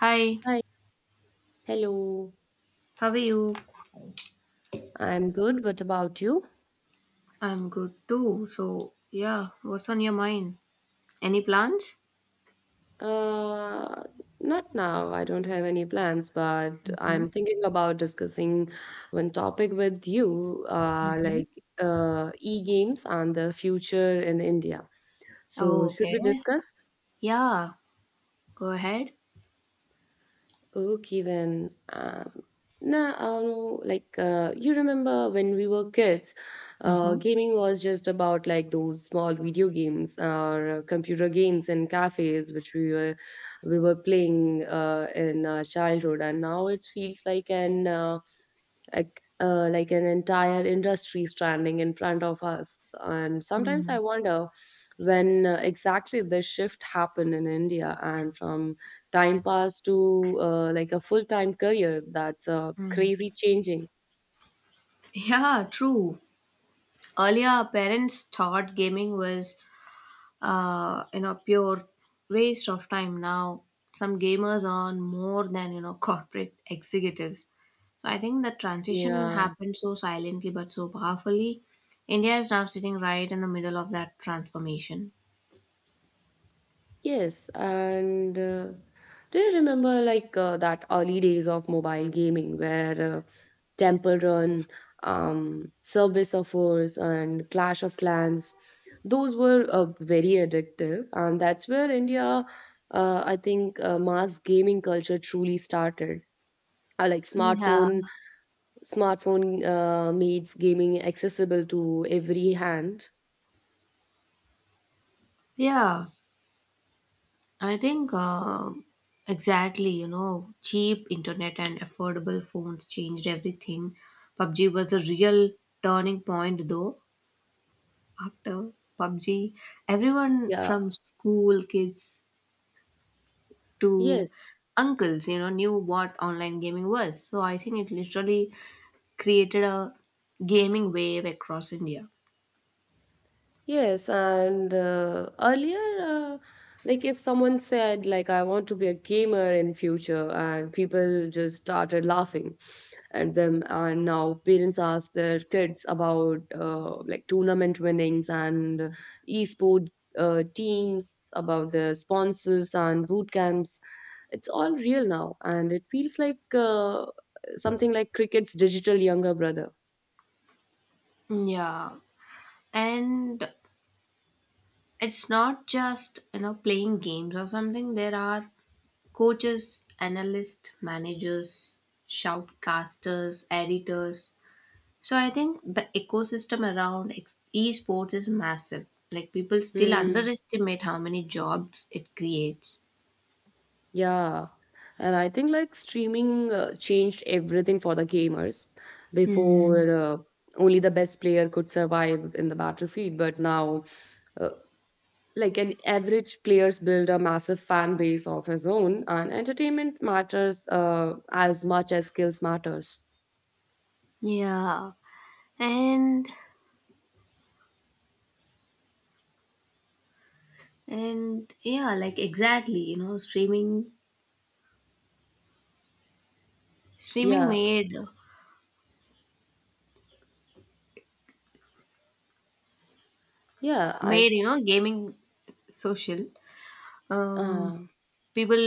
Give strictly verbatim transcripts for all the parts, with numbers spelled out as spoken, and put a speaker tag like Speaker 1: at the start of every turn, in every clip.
Speaker 1: Hi,
Speaker 2: Hi. Hello.
Speaker 1: how are you?
Speaker 2: I'm good. What about you?
Speaker 1: I'm good too. So, yeah, what's on your mind? Any plans?
Speaker 2: Uh, Not now. I don't have any plans, but
Speaker 1: hmm
Speaker 2: I'm thinking about discussing one topic with you, uh, like uh, e-games and the future in India.
Speaker 1: Oh,
Speaker 2: So, should
Speaker 1: okay.
Speaker 2: we discuss?
Speaker 1: Yeah, go ahead.
Speaker 2: Oh, okay, then. Um, nah, I don't know. Like, uh, you remember when we were kids, uh,
Speaker 1: Mm-hmm.
Speaker 2: gaming was just about like those small video games or uh, computer games in cafes, which we were we were playing uh, in our childhood, and now it feels like an uh, like uh, like an entire industry standing in front of us, and sometimes
Speaker 1: Hmm.
Speaker 2: I wonder when uh, exactly this shift happened in India, and from time pass to uh, like a full time career. That's uh,
Speaker 1: Hmm.
Speaker 2: crazy changing.
Speaker 1: Yeah, true. Earlier, our parents thought gaming was uh, you know pure waste of time. Now some gamers earn more than you know corporate executives, so I think the transition
Speaker 2: Yeah.
Speaker 1: happened so silently but so powerfully. India is now sitting right in the middle of that transformation.
Speaker 2: Yes, and uh, do you remember like uh, that early days of mobile gaming where uh, Temple Run, um, Subway Surfers, and Clash of Clans? Those were uh, very addictive, and that's where India, uh, I think, uh, mass gaming culture truly started. Uh, like
Speaker 1: Yeah.
Speaker 2: smartphone, smartphone uh, made gaming accessible to every hand.
Speaker 1: Yeah, I think uh, exactly, you know cheap internet and affordable phones changed everything. PUBG was the real turning point, though. After pub g, everyone
Speaker 2: Yeah.
Speaker 1: from school kids to
Speaker 2: Yes.
Speaker 1: uncles, you know, knew what online gaming was. So I think it literally created a gaming wave across India.
Speaker 2: Yes, and uh, earlier, uh, like if someone said like I want to be a gamer in future, and people just started laughing at them, and now parents ask their kids about uh, like tournament winnings and e uh, teams, about their sponsors and boot camps. It's all real now, and it feels like uh, something like cricket's digital younger brother.
Speaker 1: Yeah. And it's not just, you know, playing games or something. There are coaches, analysts, managers, shoutcasters, editors. So I think the ecosystem around ex- esports is massive. Like people still
Speaker 2: Hmm.
Speaker 1: underestimate how many jobs it creates.
Speaker 2: Yeah, and I think like streaming uh, changed everything for the gamers.
Speaker 1: Hmm.
Speaker 2: Before, uh, only the best player could survive in the battlefield, but now, uh, like an average player's build a massive fan base of his own, and entertainment matters uh, as much as skills matters.
Speaker 1: Yeah. And And yeah, like exactly, you know, streaming streaming
Speaker 2: Yeah,
Speaker 1: made
Speaker 2: yeah, I,
Speaker 1: made, you know, gaming social. Um
Speaker 2: uh,
Speaker 1: People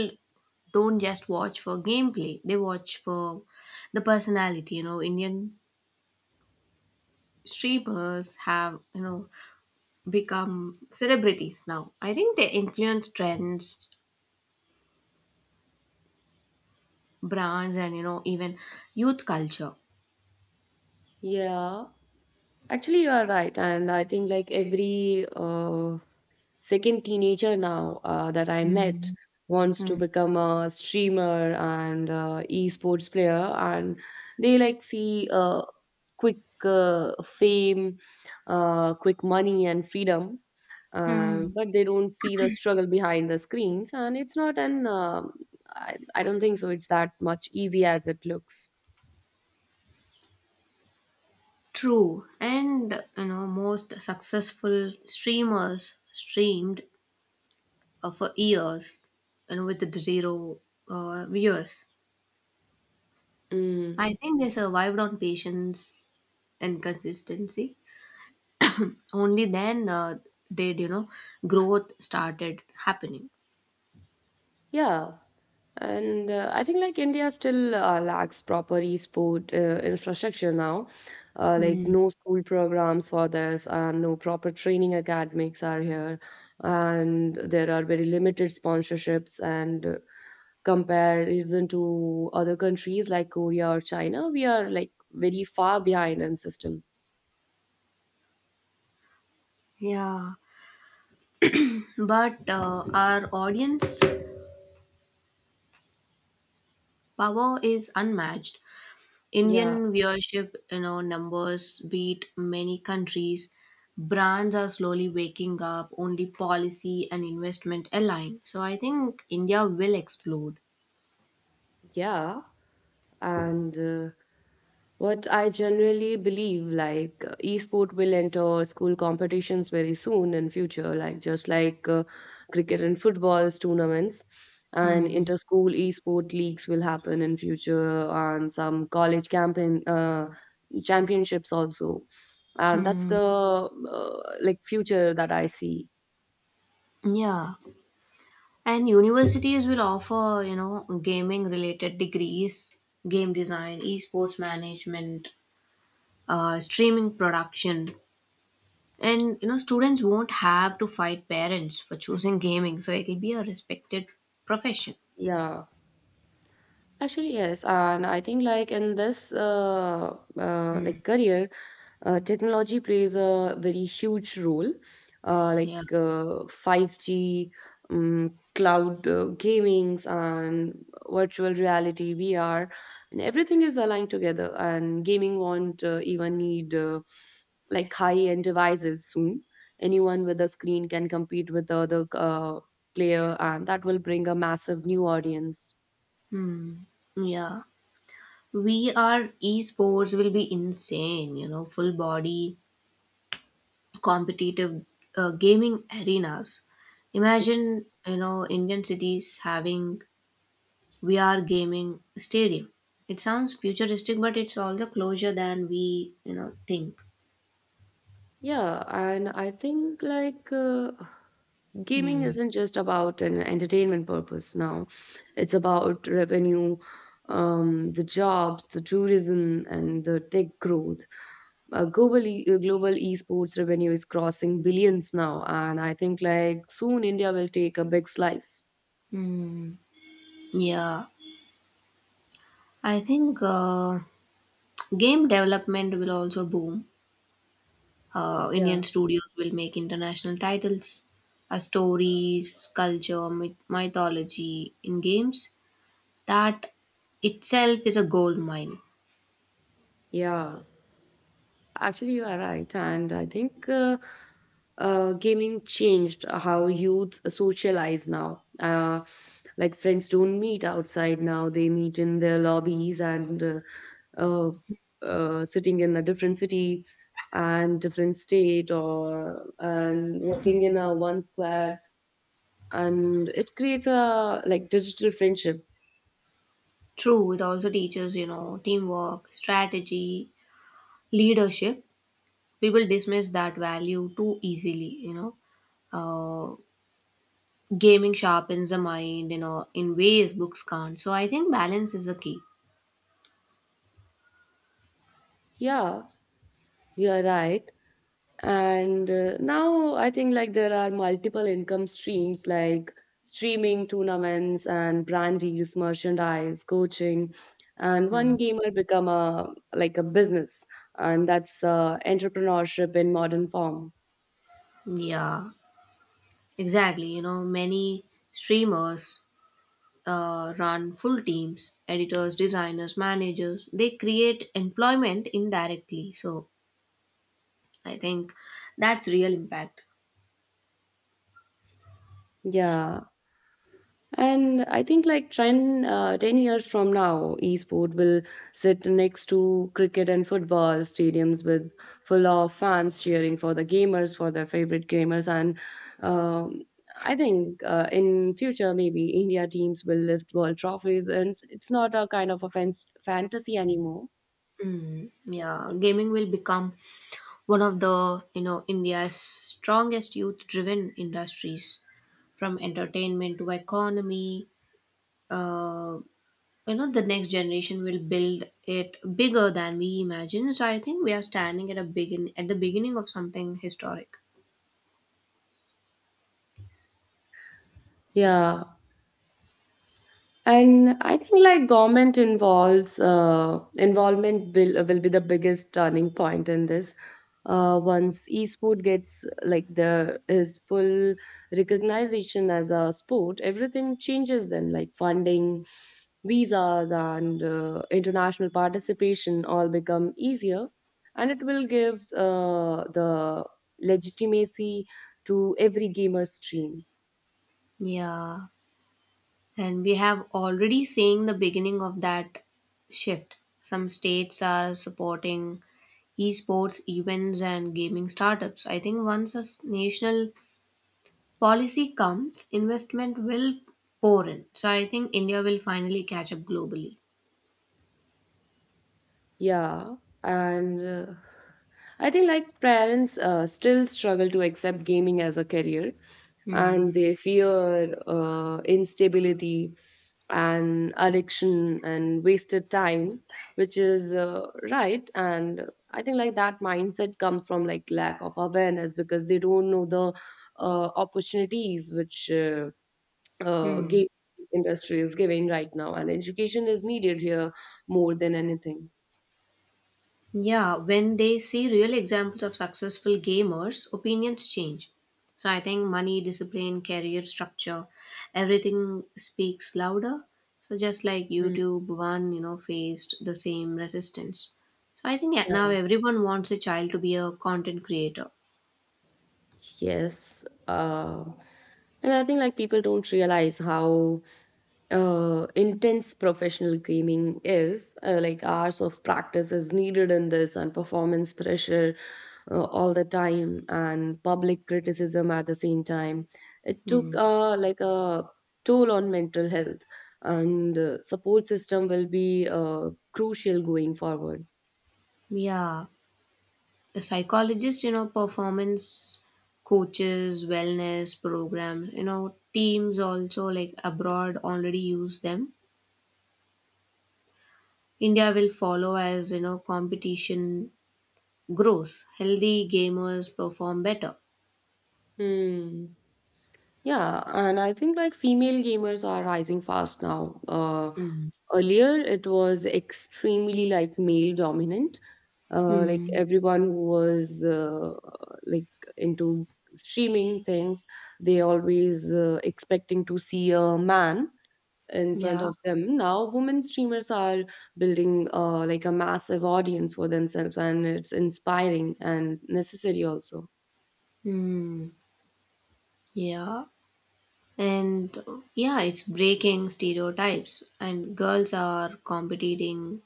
Speaker 1: don't just watch for gameplay. They watch for the personality, you know, Indian streamers have, you know, become celebrities now. I think they influence trends, brands, and you know, even youth culture.
Speaker 2: yeah. Actually, you are right, and I think like every uh, second teenager now uh, that I met
Speaker 1: Mm,
Speaker 2: wants to
Speaker 1: mm,
Speaker 2: become a streamer and uh, esports player, and they like see uh, quick uh, fame, uh, quick money, and freedom. Uh,
Speaker 1: mm.
Speaker 2: but they don't see the struggle behind the screens, and it's not an um I, I don't think so. It's that much easy as it looks.
Speaker 1: True. And you know, most successful streamers streamed uh, for years and with the zero uh, viewers.
Speaker 2: Mm,
Speaker 1: I think they survived on patience and consistency. Only then uh, did you know growth started happening.
Speaker 2: yeah. And uh, I think like India still uh, lacks proper e-sport uh, infrastructure now. Uh, like
Speaker 1: Mm.
Speaker 2: no school programs for this, and no proper training academics are here, and there are very limited sponsorships. And uh, comparison to other countries like Korea or China, we are like very far behind in systems.
Speaker 1: Yeah. But uh, our audience power is unmatched.
Speaker 2: Yeah,
Speaker 1: Indian viewership, you know, numbers beat many countries. Brands are slowly waking up. Only policy and investment align. So I think India will explode.
Speaker 2: yeah. and uh, what I generally believe, like uh, e-sport will enter school competitions very soon in future, like just like uh, cricket and football's tournaments, and
Speaker 1: Hmm.
Speaker 2: inter-school e-sport leagues will happen in future, and some college campaign uh, championships also. And that's
Speaker 1: Hmm.
Speaker 2: the uh, like future that I see.
Speaker 1: Yeah, and universities will offer, you know, gaming related degrees, game design, esports management, uh, streaming production. And you know, students won't have to fight parents for choosing gaming, so it'll be a respected profession.
Speaker 2: Yeah. Actually, yes, and I think like in this uh, uh,
Speaker 1: Hmm.
Speaker 2: like career, uh, technology plays a very huge role. Uh,
Speaker 1: Yeah.
Speaker 2: like uh, five G, um, cloud uh, gamings, and virtual reality (V R), and everything is aligned together. And gaming won't uh, even need uh, like high-end devices soon. Anyone with a screen can compete with the other uh, player, and that will bring a massive new audience.
Speaker 1: Hmm. Yeah. V R esports will be insane, you know, full body competitive uh, gaming arenas. Imagine, you know, Indian cities having V R gaming stadium. It sounds futuristic, but it's all the closer than we, you know, think.
Speaker 2: Yeah, and I think like uh, gaming
Speaker 1: Hmm.
Speaker 2: isn't just about an entertainment purpose now. It's about revenue, um, the jobs, the tourism, and the tech growth. Uh, global, e- uh, global esports revenue is crossing billions now, and I think like soon India will take a big slice.
Speaker 1: Hmm. Yeah. I think uh, Game development will also boom. Uh, Indian
Speaker 2: Yeah,
Speaker 1: studios will make international titles, uh, stories, culture, myth- mythology in games. That itself is a gold mine.
Speaker 2: yeah. Actually, you are right, and I think uh, uh, gaming changed how youth socialize now. Uh, like friends don't meet outside now; they meet in their lobbies and uh, uh, uh, sitting in a different city and different state, or and working in a one square, and it creates a like digital friendship.
Speaker 1: True, it also teaches, you know, teamwork, strategy, leadership. People dismiss that value too easily, you know. Uh, gaming sharpens the mind, you know, in ways books can't. So I think balance is the key.
Speaker 2: Yeah, you are right. And uh, now I think like there are multiple income streams like streaming, tournaments, and brand deals, merchandise, coaching. And one
Speaker 1: Hmm.
Speaker 2: gamer become a like a business, and that's uh, entrepreneurship in modern form.
Speaker 1: Yeah. Exactly, you know, many streamers uh, run full teams, editors, designers, managers. They create employment indirectly. So I think that's real impact.
Speaker 2: Yeah, and I think like ten, uh, ten years from now, esport will sit next to cricket and football stadiums with full of fans cheering for the gamers, for their favorite gamers. And um, I think uh, in future, maybe India teams will lift world trophies, and it's not a kind of a fan- fantasy anymore.
Speaker 1: Mm, yeah, gaming will become one of the, you know, India's strongest youth driven industries from entertainment to economy. Uh, you know the next generation will build it bigger than we imagine. So I think we are standing at a begin at the beginning of something historic.
Speaker 2: Yeah, and I think like government involves uh, involvement will will be the biggest turning point in this. Uh, once esport gets like the is full recognition as a sport, everything changes then, like funding, visas, and uh, international participation all become easier, and it will give uh, the legitimacy to every gamer's dream.
Speaker 1: Yeah, and we have already seen the beginning of that shift. Some states are supporting esports events and gaming startups. I think once a s- national policy comes, investment will pour in. So I think India will finally catch up globally.
Speaker 2: Yeah, and uh, I think like parents uh, still struggle to accept gaming as a career, and
Speaker 1: Hmm.
Speaker 2: they fear uh, instability and addiction and wasted time, which is uh, right. And I think like that mindset comes from like lack of awareness, because they don't know the uh, opportunities which uh, uh,
Speaker 1: Hmm.
Speaker 2: game industry is giving right now, and education is needed here more than anything.
Speaker 1: Yeah, when they see real examples of successful gamers, opinions change. So I think money, discipline, career structure, everything speaks louder. So just like YouTube one, you know, faced the same resistance. So I think yeah, now
Speaker 2: Yeah.
Speaker 1: everyone wants a child to be a content creator.
Speaker 2: Yes. Uh, and I think like people don't realize how uh, intense professional gaming is. Uh, like hours of practice is needed in this, and performance pressure uh, all the time, and public criticism at the same time. It took
Speaker 1: Hmm.
Speaker 2: uh, like a toll on mental health, and uh, support system will be uh, crucial going forward.
Speaker 1: Yeah, a psychologist, you know, performance coaches, wellness programs, you know, teams also like abroad already use them. India will follow as you know competition grows. Healthy gamers perform better.
Speaker 2: Hmm. Yeah, and I think like female gamers are rising fast now. Uh,
Speaker 1: Mm.
Speaker 2: earlier, it was extremely like male dominant. Uh, like
Speaker 1: Hmm.
Speaker 2: everyone who was uh, like into streaming things, they always uh, expecting to see a man in front
Speaker 1: Yeah.
Speaker 2: of them. Now, women streamers are building uh, like a massive audience for themselves, and it's inspiring and necessary also.
Speaker 1: Hmm. Yeah. And uh, yeah, it's breaking stereotypes. And girls are competing,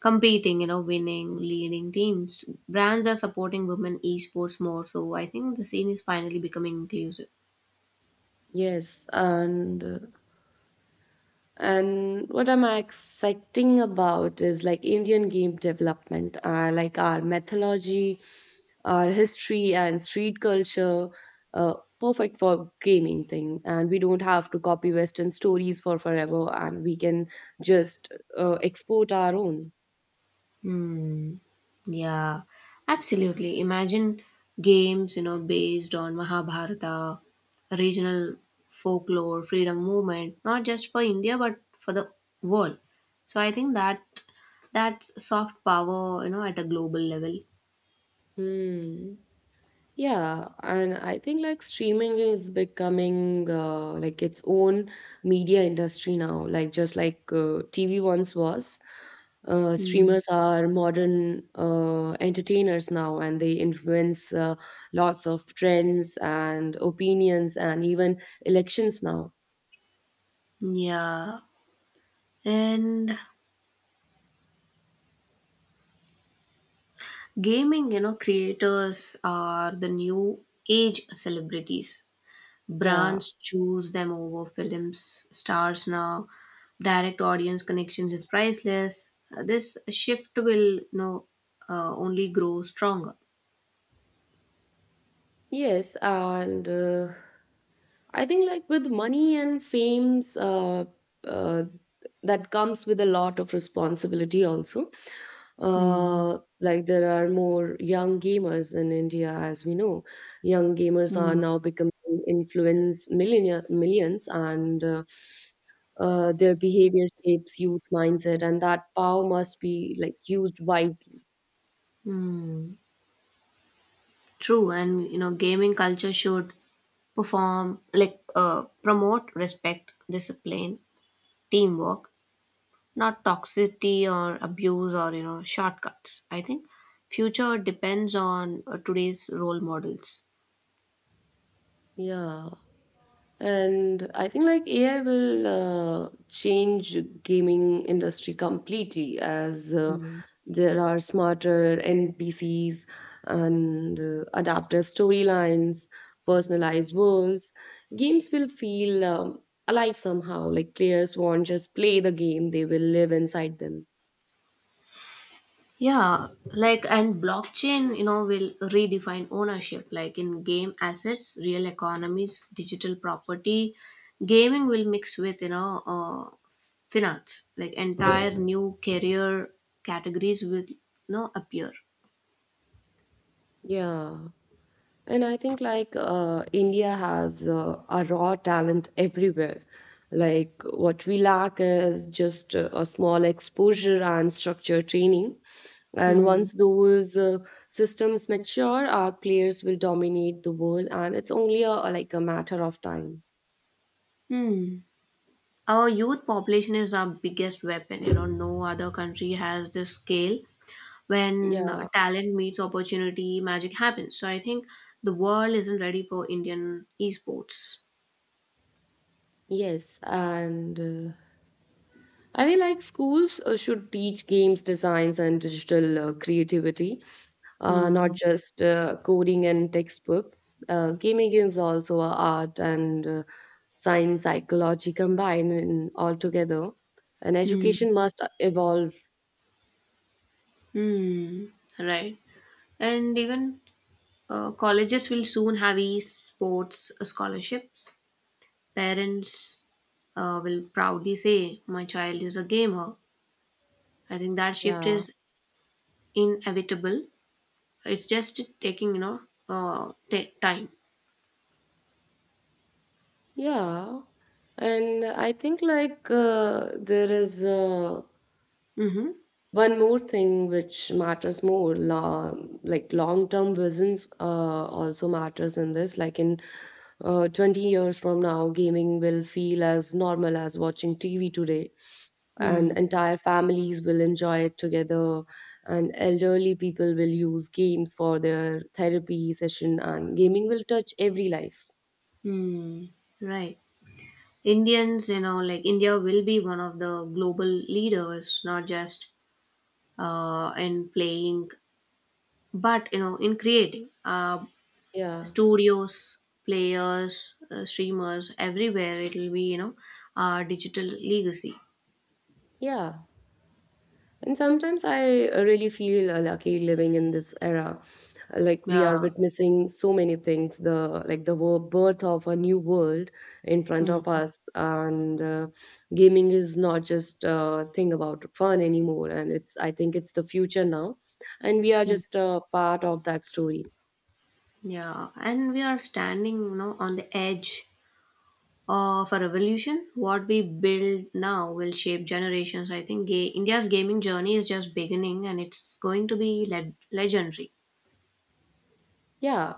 Speaker 1: competing, you know, winning, leading teams. Brands are supporting women esports more. So I think the scene is finally becoming inclusive.
Speaker 2: Yes, and uh, And what I'm exciting about is like Indian game development, uh, like our mythology, our history, and street culture, uh, perfect for gaming thing. And we don't have to copy Western stories for forever, and we can just uh, export our own.
Speaker 1: Hmm. Yeah, absolutely. Imagine games, you know, based on Mahabharata, regional folklore, freedom movement, not just for India but for the world. So I think that that's soft power, you know, at a global level.
Speaker 2: Hmm. Yeah, and I think like streaming is becoming uh, like its own media industry now, like just like uh, T V once was. Uh,
Speaker 1: Hmm.
Speaker 2: streamers are modern uh, entertainers now, and they influence uh, lots of trends and opinions and even elections now.
Speaker 1: Yeah. And gaming, you know, creators are the new age celebrities.
Speaker 2: Yeah,
Speaker 1: Brands choose them over films stars now. Direct audience connections is priceless. Uh, This shift will, you know, uh, only grow stronger.
Speaker 2: yes, and uh, I think like with money and fame's uh, uh, that comes with a lot of responsibility also.
Speaker 1: Hmm.
Speaker 2: Uh, like there are more young gamers in India, as we know. Young gamers are
Speaker 1: Hmm.
Speaker 2: now becoming influence millionaire, millions, and uh, uh, their behavior shapes youth mindset, and that power must be like used wisely.
Speaker 1: Hmm. True, and you know, gaming culture should perform like uh, promote respect, discipline, teamwork, not toxicity or abuse or you know shortcuts. I think future depends on uh, today's role models.
Speaker 2: Yeah. And I think like A I will uh, change gaming industry completely, as uh, there are smarter N P Cs and uh, adaptive storylines, personalized worlds. Games will feel um, alive somehow. Like players won't just play the game; they will live inside them.
Speaker 1: Yeah, like and blockchain, you know, will redefine ownership like in game assets, real economies, digital property. Gaming will mix with, you know, uh, finance, like entire new career categories will, you know, appear.
Speaker 2: Yeah. And I think like uh, India has uh, a raw talent everywhere. Like what we lack is just uh, a small exposure and structured training. And
Speaker 1: Hmm.
Speaker 2: once those uh, systems mature, our players will dominate the world, and it's only a, like a matter of time.
Speaker 1: Hmm. Our youth population is our biggest weapon. You know, no other country has this scale. When
Speaker 2: Yeah.
Speaker 1: talent meets opportunity, magic happens. So I think the world isn't ready for Indian esports.
Speaker 2: Yes, and uh, I think like schools uh, should teach games designs and digital uh, creativity, uh, not
Speaker 1: Hmm,
Speaker 2: just uh, coding and textbooks. Uh, gaming is also a art and uh, science psychology combined in all together. And
Speaker 1: hmm,
Speaker 2: education must evolve.
Speaker 1: hmm. Right. And even uh, colleges will soon have e-sports scholarships. Parents uh, will proudly say, "My child is a gamer." I think that shift
Speaker 2: Yeah,
Speaker 1: is inevitable. It's just taking, you know, uh, ta- time.
Speaker 2: yeah. And I think like uh, there is uh,
Speaker 1: Mm-hmm.
Speaker 2: one more thing which matters more, long, like long-term visions uh, also matters in this. Like in uh, twenty years from now, gaming will feel as normal as watching T V today.
Speaker 1: Hmm.
Speaker 2: And entire families will enjoy it together, and elderly people will use games for their therapy session, and gaming will touch every life.
Speaker 1: Hmm. Right. Indians, you know, like India will be one of the global leaders, not just uh, in playing. But you know, in creating uh,
Speaker 2: Yeah.
Speaker 1: studios, players, uh, streamers, everywhere, it will be you know, uh, digital legacy.
Speaker 2: Yeah. And sometimes I uh, really feel uh, lucky living in this era. Like we
Speaker 1: Yeah.
Speaker 2: are witnessing so many things, the like the wo- birth of a new world in front of
Speaker 1: Mm,
Speaker 2: us, and uh, gaming is not just a thing about fun anymore. And it's I think it's the future now, and we are
Speaker 1: mm.
Speaker 2: just a part of that story.
Speaker 1: Yeah, and we are standing, you know, on the edge of a revolution. What we build now will shape generations. I think ga- India's gaming journey is just beginning, and it's going to be le- legendary.
Speaker 2: Yeah,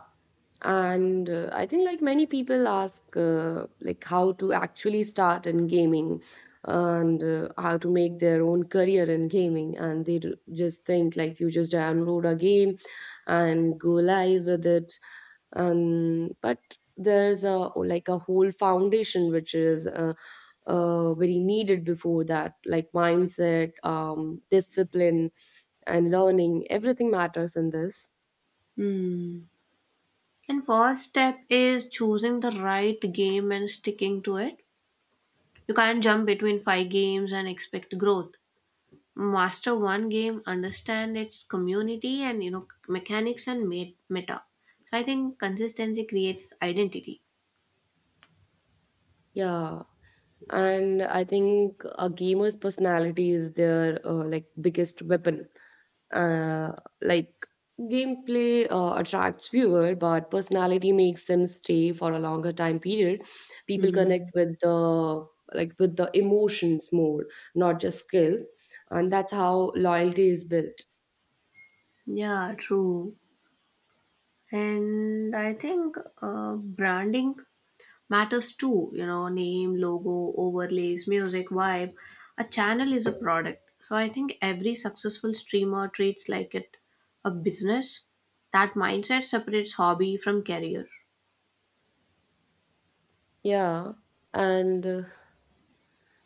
Speaker 2: and uh, I think like many people ask uh, like how to actually start in gaming and uh, how to make their own career in gaming, and they d- just think like you just download a game and go live with it, and but there's a like a whole foundation which is uh, uh, very needed before that, like mindset, um, discipline, and learning. Everything matters in this.
Speaker 1: Hmm. And first step is choosing the right game and sticking to it. You can't jump between five games and expect growth. Master one game, understand its community and you know mechanics and ma- meta. So I think consistency creates identity.
Speaker 2: Yeah. And I think a gamer's personality is their uh, like biggest weapon. uh, like gameplay uh, attracts viewer, but personality makes them stay for a longer time period. People
Speaker 1: Hmm.
Speaker 2: connect with the, like, with the emotions more, not just skills, and that's how loyalty is built.
Speaker 1: Yeah, true. And I think uh, branding matters too. You know, name, logo, overlays, music, vibe. A channel is a product. So I think every successful streamer treats like it a business. That mindset separates hobby from career.
Speaker 2: Yeah. And uh,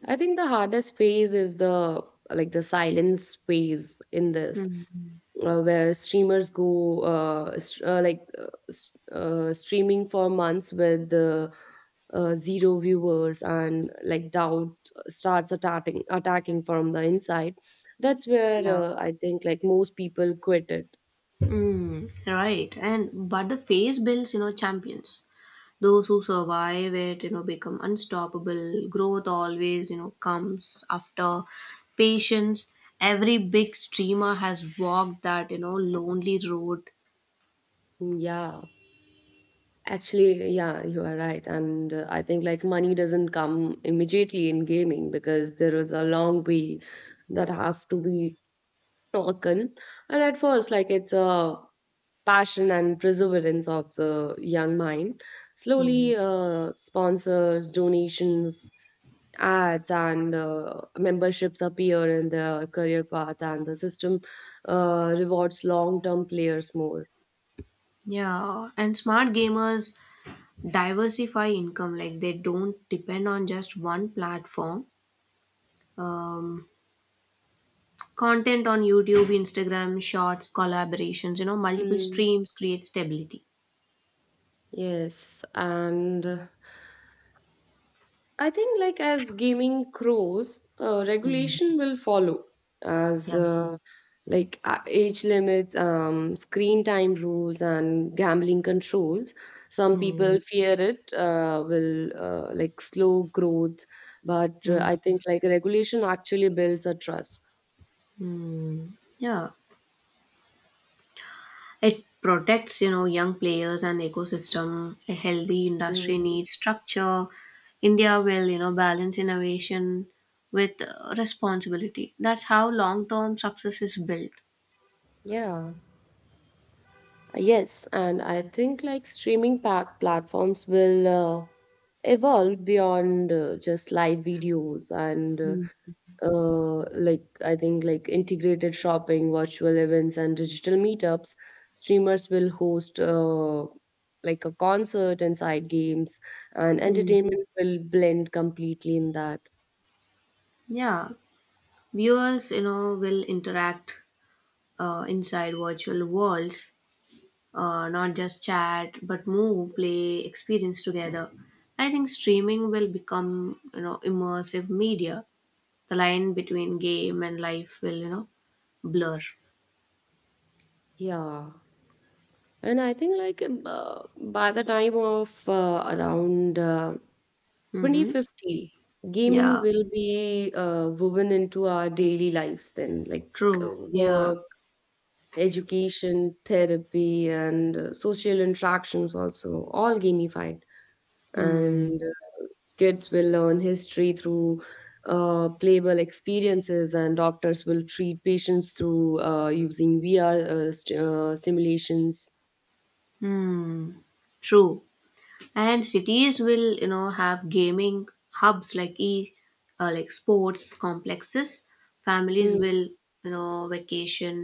Speaker 2: I think the hardest phase is the, like, the silence phase in this,
Speaker 1: Mm,
Speaker 2: uh, where streamers go uh, st- uh, like uh, s- uh, streaming for months with the uh, zero viewers, and like doubt starts attacking attacking from the inside. That's where
Speaker 1: yeah.
Speaker 2: uh, I think like most people quit it.
Speaker 1: Mm, right. And but the phase builds, you know, champions. Those who survive it, you know, become unstoppable. Growth always, you know, comes after patience. Every big streamer has walked that, you know, lonely road.
Speaker 2: Yeah. Actually, yeah, you are right. And uh, I think like money doesn't come immediately in gaming, because there is a long way that have to be taken. And at first, like, it's a passion and perseverance of the young mind.
Speaker 1: Mm,
Speaker 2: Slowly, uh, sponsors, donations, ads, and uh, memberships appear in their career path, and the system uh, rewards long-term players more.
Speaker 1: yeah. And smart gamers diversify income, like they don't depend on just one platform. Um, Content on YouTube, Instagram, shorts, collaborations, you know, multiple
Speaker 2: Mm.
Speaker 1: streams create stability.
Speaker 2: Yes, and uh, I think, like, as gaming grows, uh,
Speaker 1: Mm.
Speaker 2: regulation will follow, as
Speaker 1: Yeah.
Speaker 2: uh, like uh, age limits, um, screen time rules, and gambling controls. Some
Speaker 1: Mm.
Speaker 2: people fear it uh, will uh, like slow growth, but uh, I
Speaker 1: Mm.
Speaker 2: think like regulation actually builds a trust.
Speaker 1: Mm. Yeah. It protects, you know, young players and ecosystem. A healthy industry
Speaker 2: Mm,
Speaker 1: needs structure. India will, you know, balance innovation with uh, responsibility. That's how long-term success is built.
Speaker 2: yeah, yes, and I think like streaming pa- platforms will uh, evolve beyond uh, just live videos and, uh,
Speaker 1: Mm.
Speaker 2: uh, like, I think like integrated shopping, virtual events, and digital meetups. Streamers will host uh, like a concert and side games, and
Speaker 1: Mm.
Speaker 2: entertainment will blend completely in that.
Speaker 1: Yeah, viewers, you know, will interact uh, inside virtual worlds uh, not just chat but move play experience together. I think streaming will become you know immersive media. The line between game and life will you know blur.
Speaker 2: Yeah, and I think like, um, uh, by the time of uh, around uh,
Speaker 1: Mm-hmm.
Speaker 2: twenty fifty, gaming
Speaker 1: Yeah,
Speaker 2: will be uh, woven into our daily lives. Then, like,
Speaker 1: true,
Speaker 2: uh,
Speaker 1: yeah.
Speaker 2: work, education, therapy, and uh, social interactions also all gamified.
Speaker 1: Hmm.
Speaker 2: And uh, kids will learn history through uh, playable experiences, and doctors will treat patients through uh, using V R uh, st- uh, simulations.
Speaker 1: Hmm. True. And cities will you know have gaming hubs like e uh, like sports complexes. Families
Speaker 2: Hmm.
Speaker 1: will you know vacation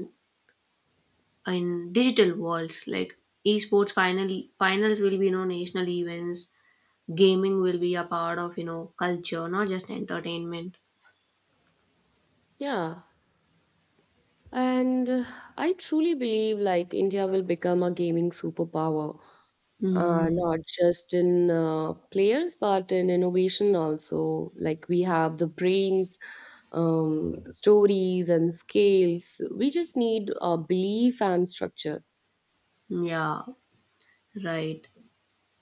Speaker 1: in digital worlds. Like esports finally finals will be you know national events. Gaming will be a part of you know culture, not just entertainment.
Speaker 2: Yeah. And uh, I truly believe like India will become a gaming superpower, uh,
Speaker 1: Mm,
Speaker 2: not just in uh, players, but in innovation also. Like, we have the brains, um, stories, and scales. We just need a belief and structure.
Speaker 1: yeah, right.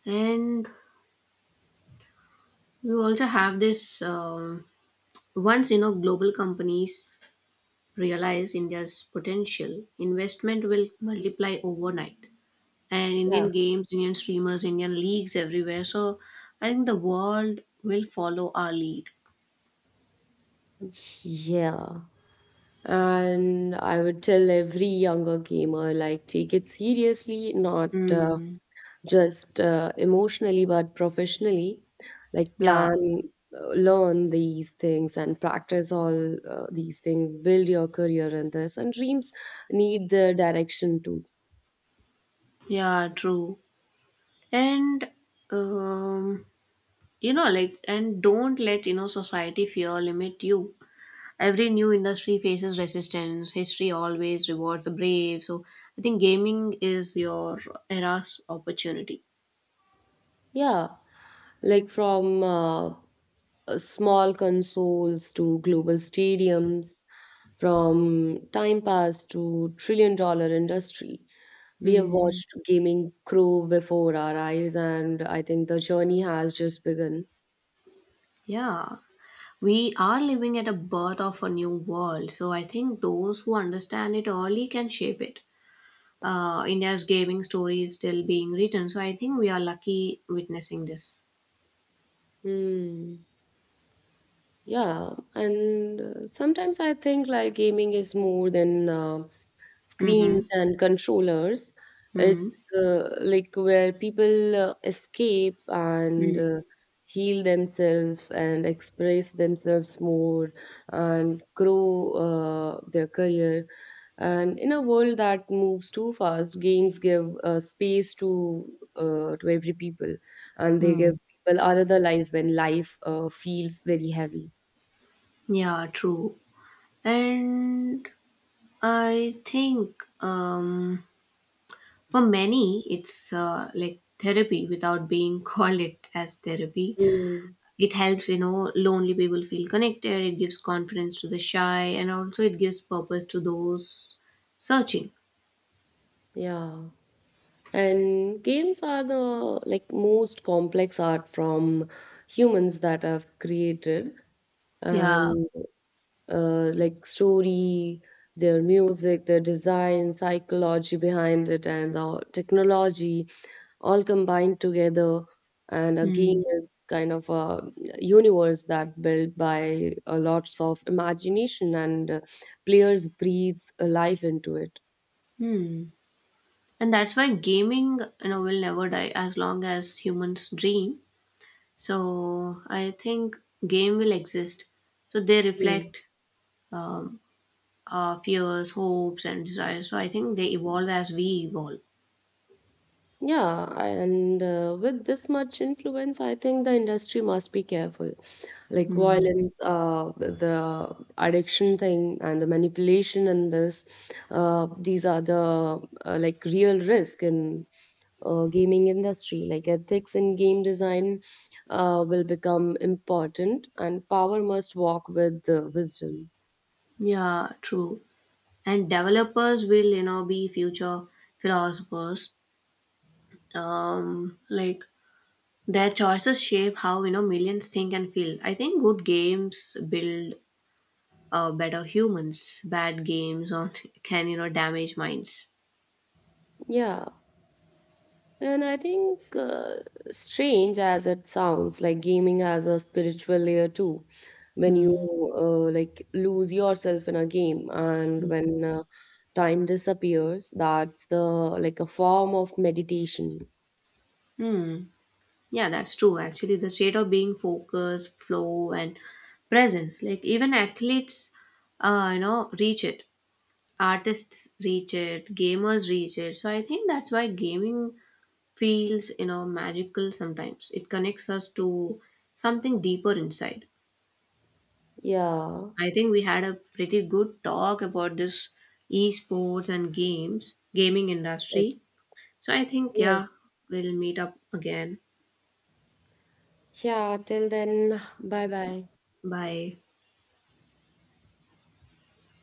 Speaker 1: And we also have this. Um, once you know global companies realize India's potential, investment will multiply overnight. And
Speaker 2: Yeah.
Speaker 1: Indian games, Indian streamers, Indian leagues everywhere. So I think the world will follow our lead.
Speaker 2: Yeah. And I would tell every younger gamer, like, take it seriously, not uh,
Speaker 1: Mm,
Speaker 2: just uh, emotionally, but professionally. Like,
Speaker 1: yeah.
Speaker 2: plan, uh, learn these things, and practice all uh, these things. Build your career in this. And dreams need the direction too.
Speaker 1: Yeah, true. And um, you know, like, and don't let you know society fear limit you. Every new industry faces resistance. History always rewards the brave. So I think gaming is your era's opportunity.
Speaker 2: Yeah. Like from, uh, uh, small consoles to global stadiums, from time pass to trillion dollar industry. We have
Speaker 1: Hmm.
Speaker 2: watched gaming grow before our eyes, and I think the journey has just begun.
Speaker 1: Yeah. We are living at a birth of a new world, so I think those who understand it early can shape it. Uh, India's gaming story is still being written, so I think we are lucky witnessing this.
Speaker 2: Hmm. Yeah, and uh, sometimes I think like gaming is more than uh,
Speaker 1: Mm-hmm.
Speaker 2: screens and controllers.
Speaker 1: Hmm.
Speaker 2: It's uh, like where people uh, escape, and
Speaker 1: Mm,
Speaker 2: uh, heal themselves, and express themselves more, and grow uh, their career. And in a world that moves too fast, games give uh, space to uh, to every people, and they give
Speaker 1: mm.
Speaker 2: people another life when life uh, feels very heavy.
Speaker 1: Yeah, true. And I think um, for many, it's uh, like therapy without being called it as therapy.
Speaker 2: Mm,
Speaker 1: It helps, you know, lonely people feel connected. It gives confidence to the shy, and also it gives purpose to those searching.
Speaker 2: yeah. And games are the, like, most complex art from humans that have created.
Speaker 1: Yeah.
Speaker 2: And uh, like story, their music, their design, psychology behind it, and the technology, all combined together. And a
Speaker 1: Mm,
Speaker 2: game is kind of a universe that built by a lots of imagination, and uh, players breathe uh, life into it.
Speaker 1: hmm. And that's why gaming, you know, will never die as long as humans dream. So I think game will exist. So they
Speaker 2: Hmm.
Speaker 1: reflect um, our fears, hopes, and desires. So I think they evolve as we evolve.
Speaker 2: Yeah, I- and uh, with this much influence, I think the industry must be careful. Like
Speaker 1: Hmm.
Speaker 2: violence, uh, the addiction thing, and the manipulation in this, uh, these are the uh, like real risk in uh, gaming industry. Like ethics in game design uh, will become important, and power must walk with uh, wisdom.
Speaker 1: Yeah, true. And developers will, you know, be future philosophers. Um, like their choices shape how you know millions think and feel. I think good games build uh, better humans. Bad games on can you know damage minds.
Speaker 2: Yeah. And I think, uh, strange as it sounds, like gaming has a spiritual layer too. When
Speaker 1: Hmm.
Speaker 2: you uh, like lose yourself in a game, and when uh, time disappears, that's the, like, a form of meditation.
Speaker 1: Hmm. Yeah, that's true. Actually, the state of being focus, flow, and presence. Like even athletes, uh, you know, reach it. Artists reach it. Gamers reach it. So I think that's why gaming feels, you know, magical sometimes. It connects us to something deeper inside.
Speaker 2: Yeah.
Speaker 1: I think we had a pretty good talk about this esports and games, gaming
Speaker 2: Yes.
Speaker 1: industry. So I think
Speaker 2: Yes.
Speaker 1: yeah, we'll meet up again.
Speaker 2: Yeah. Till then, bye bye.
Speaker 1: Bye.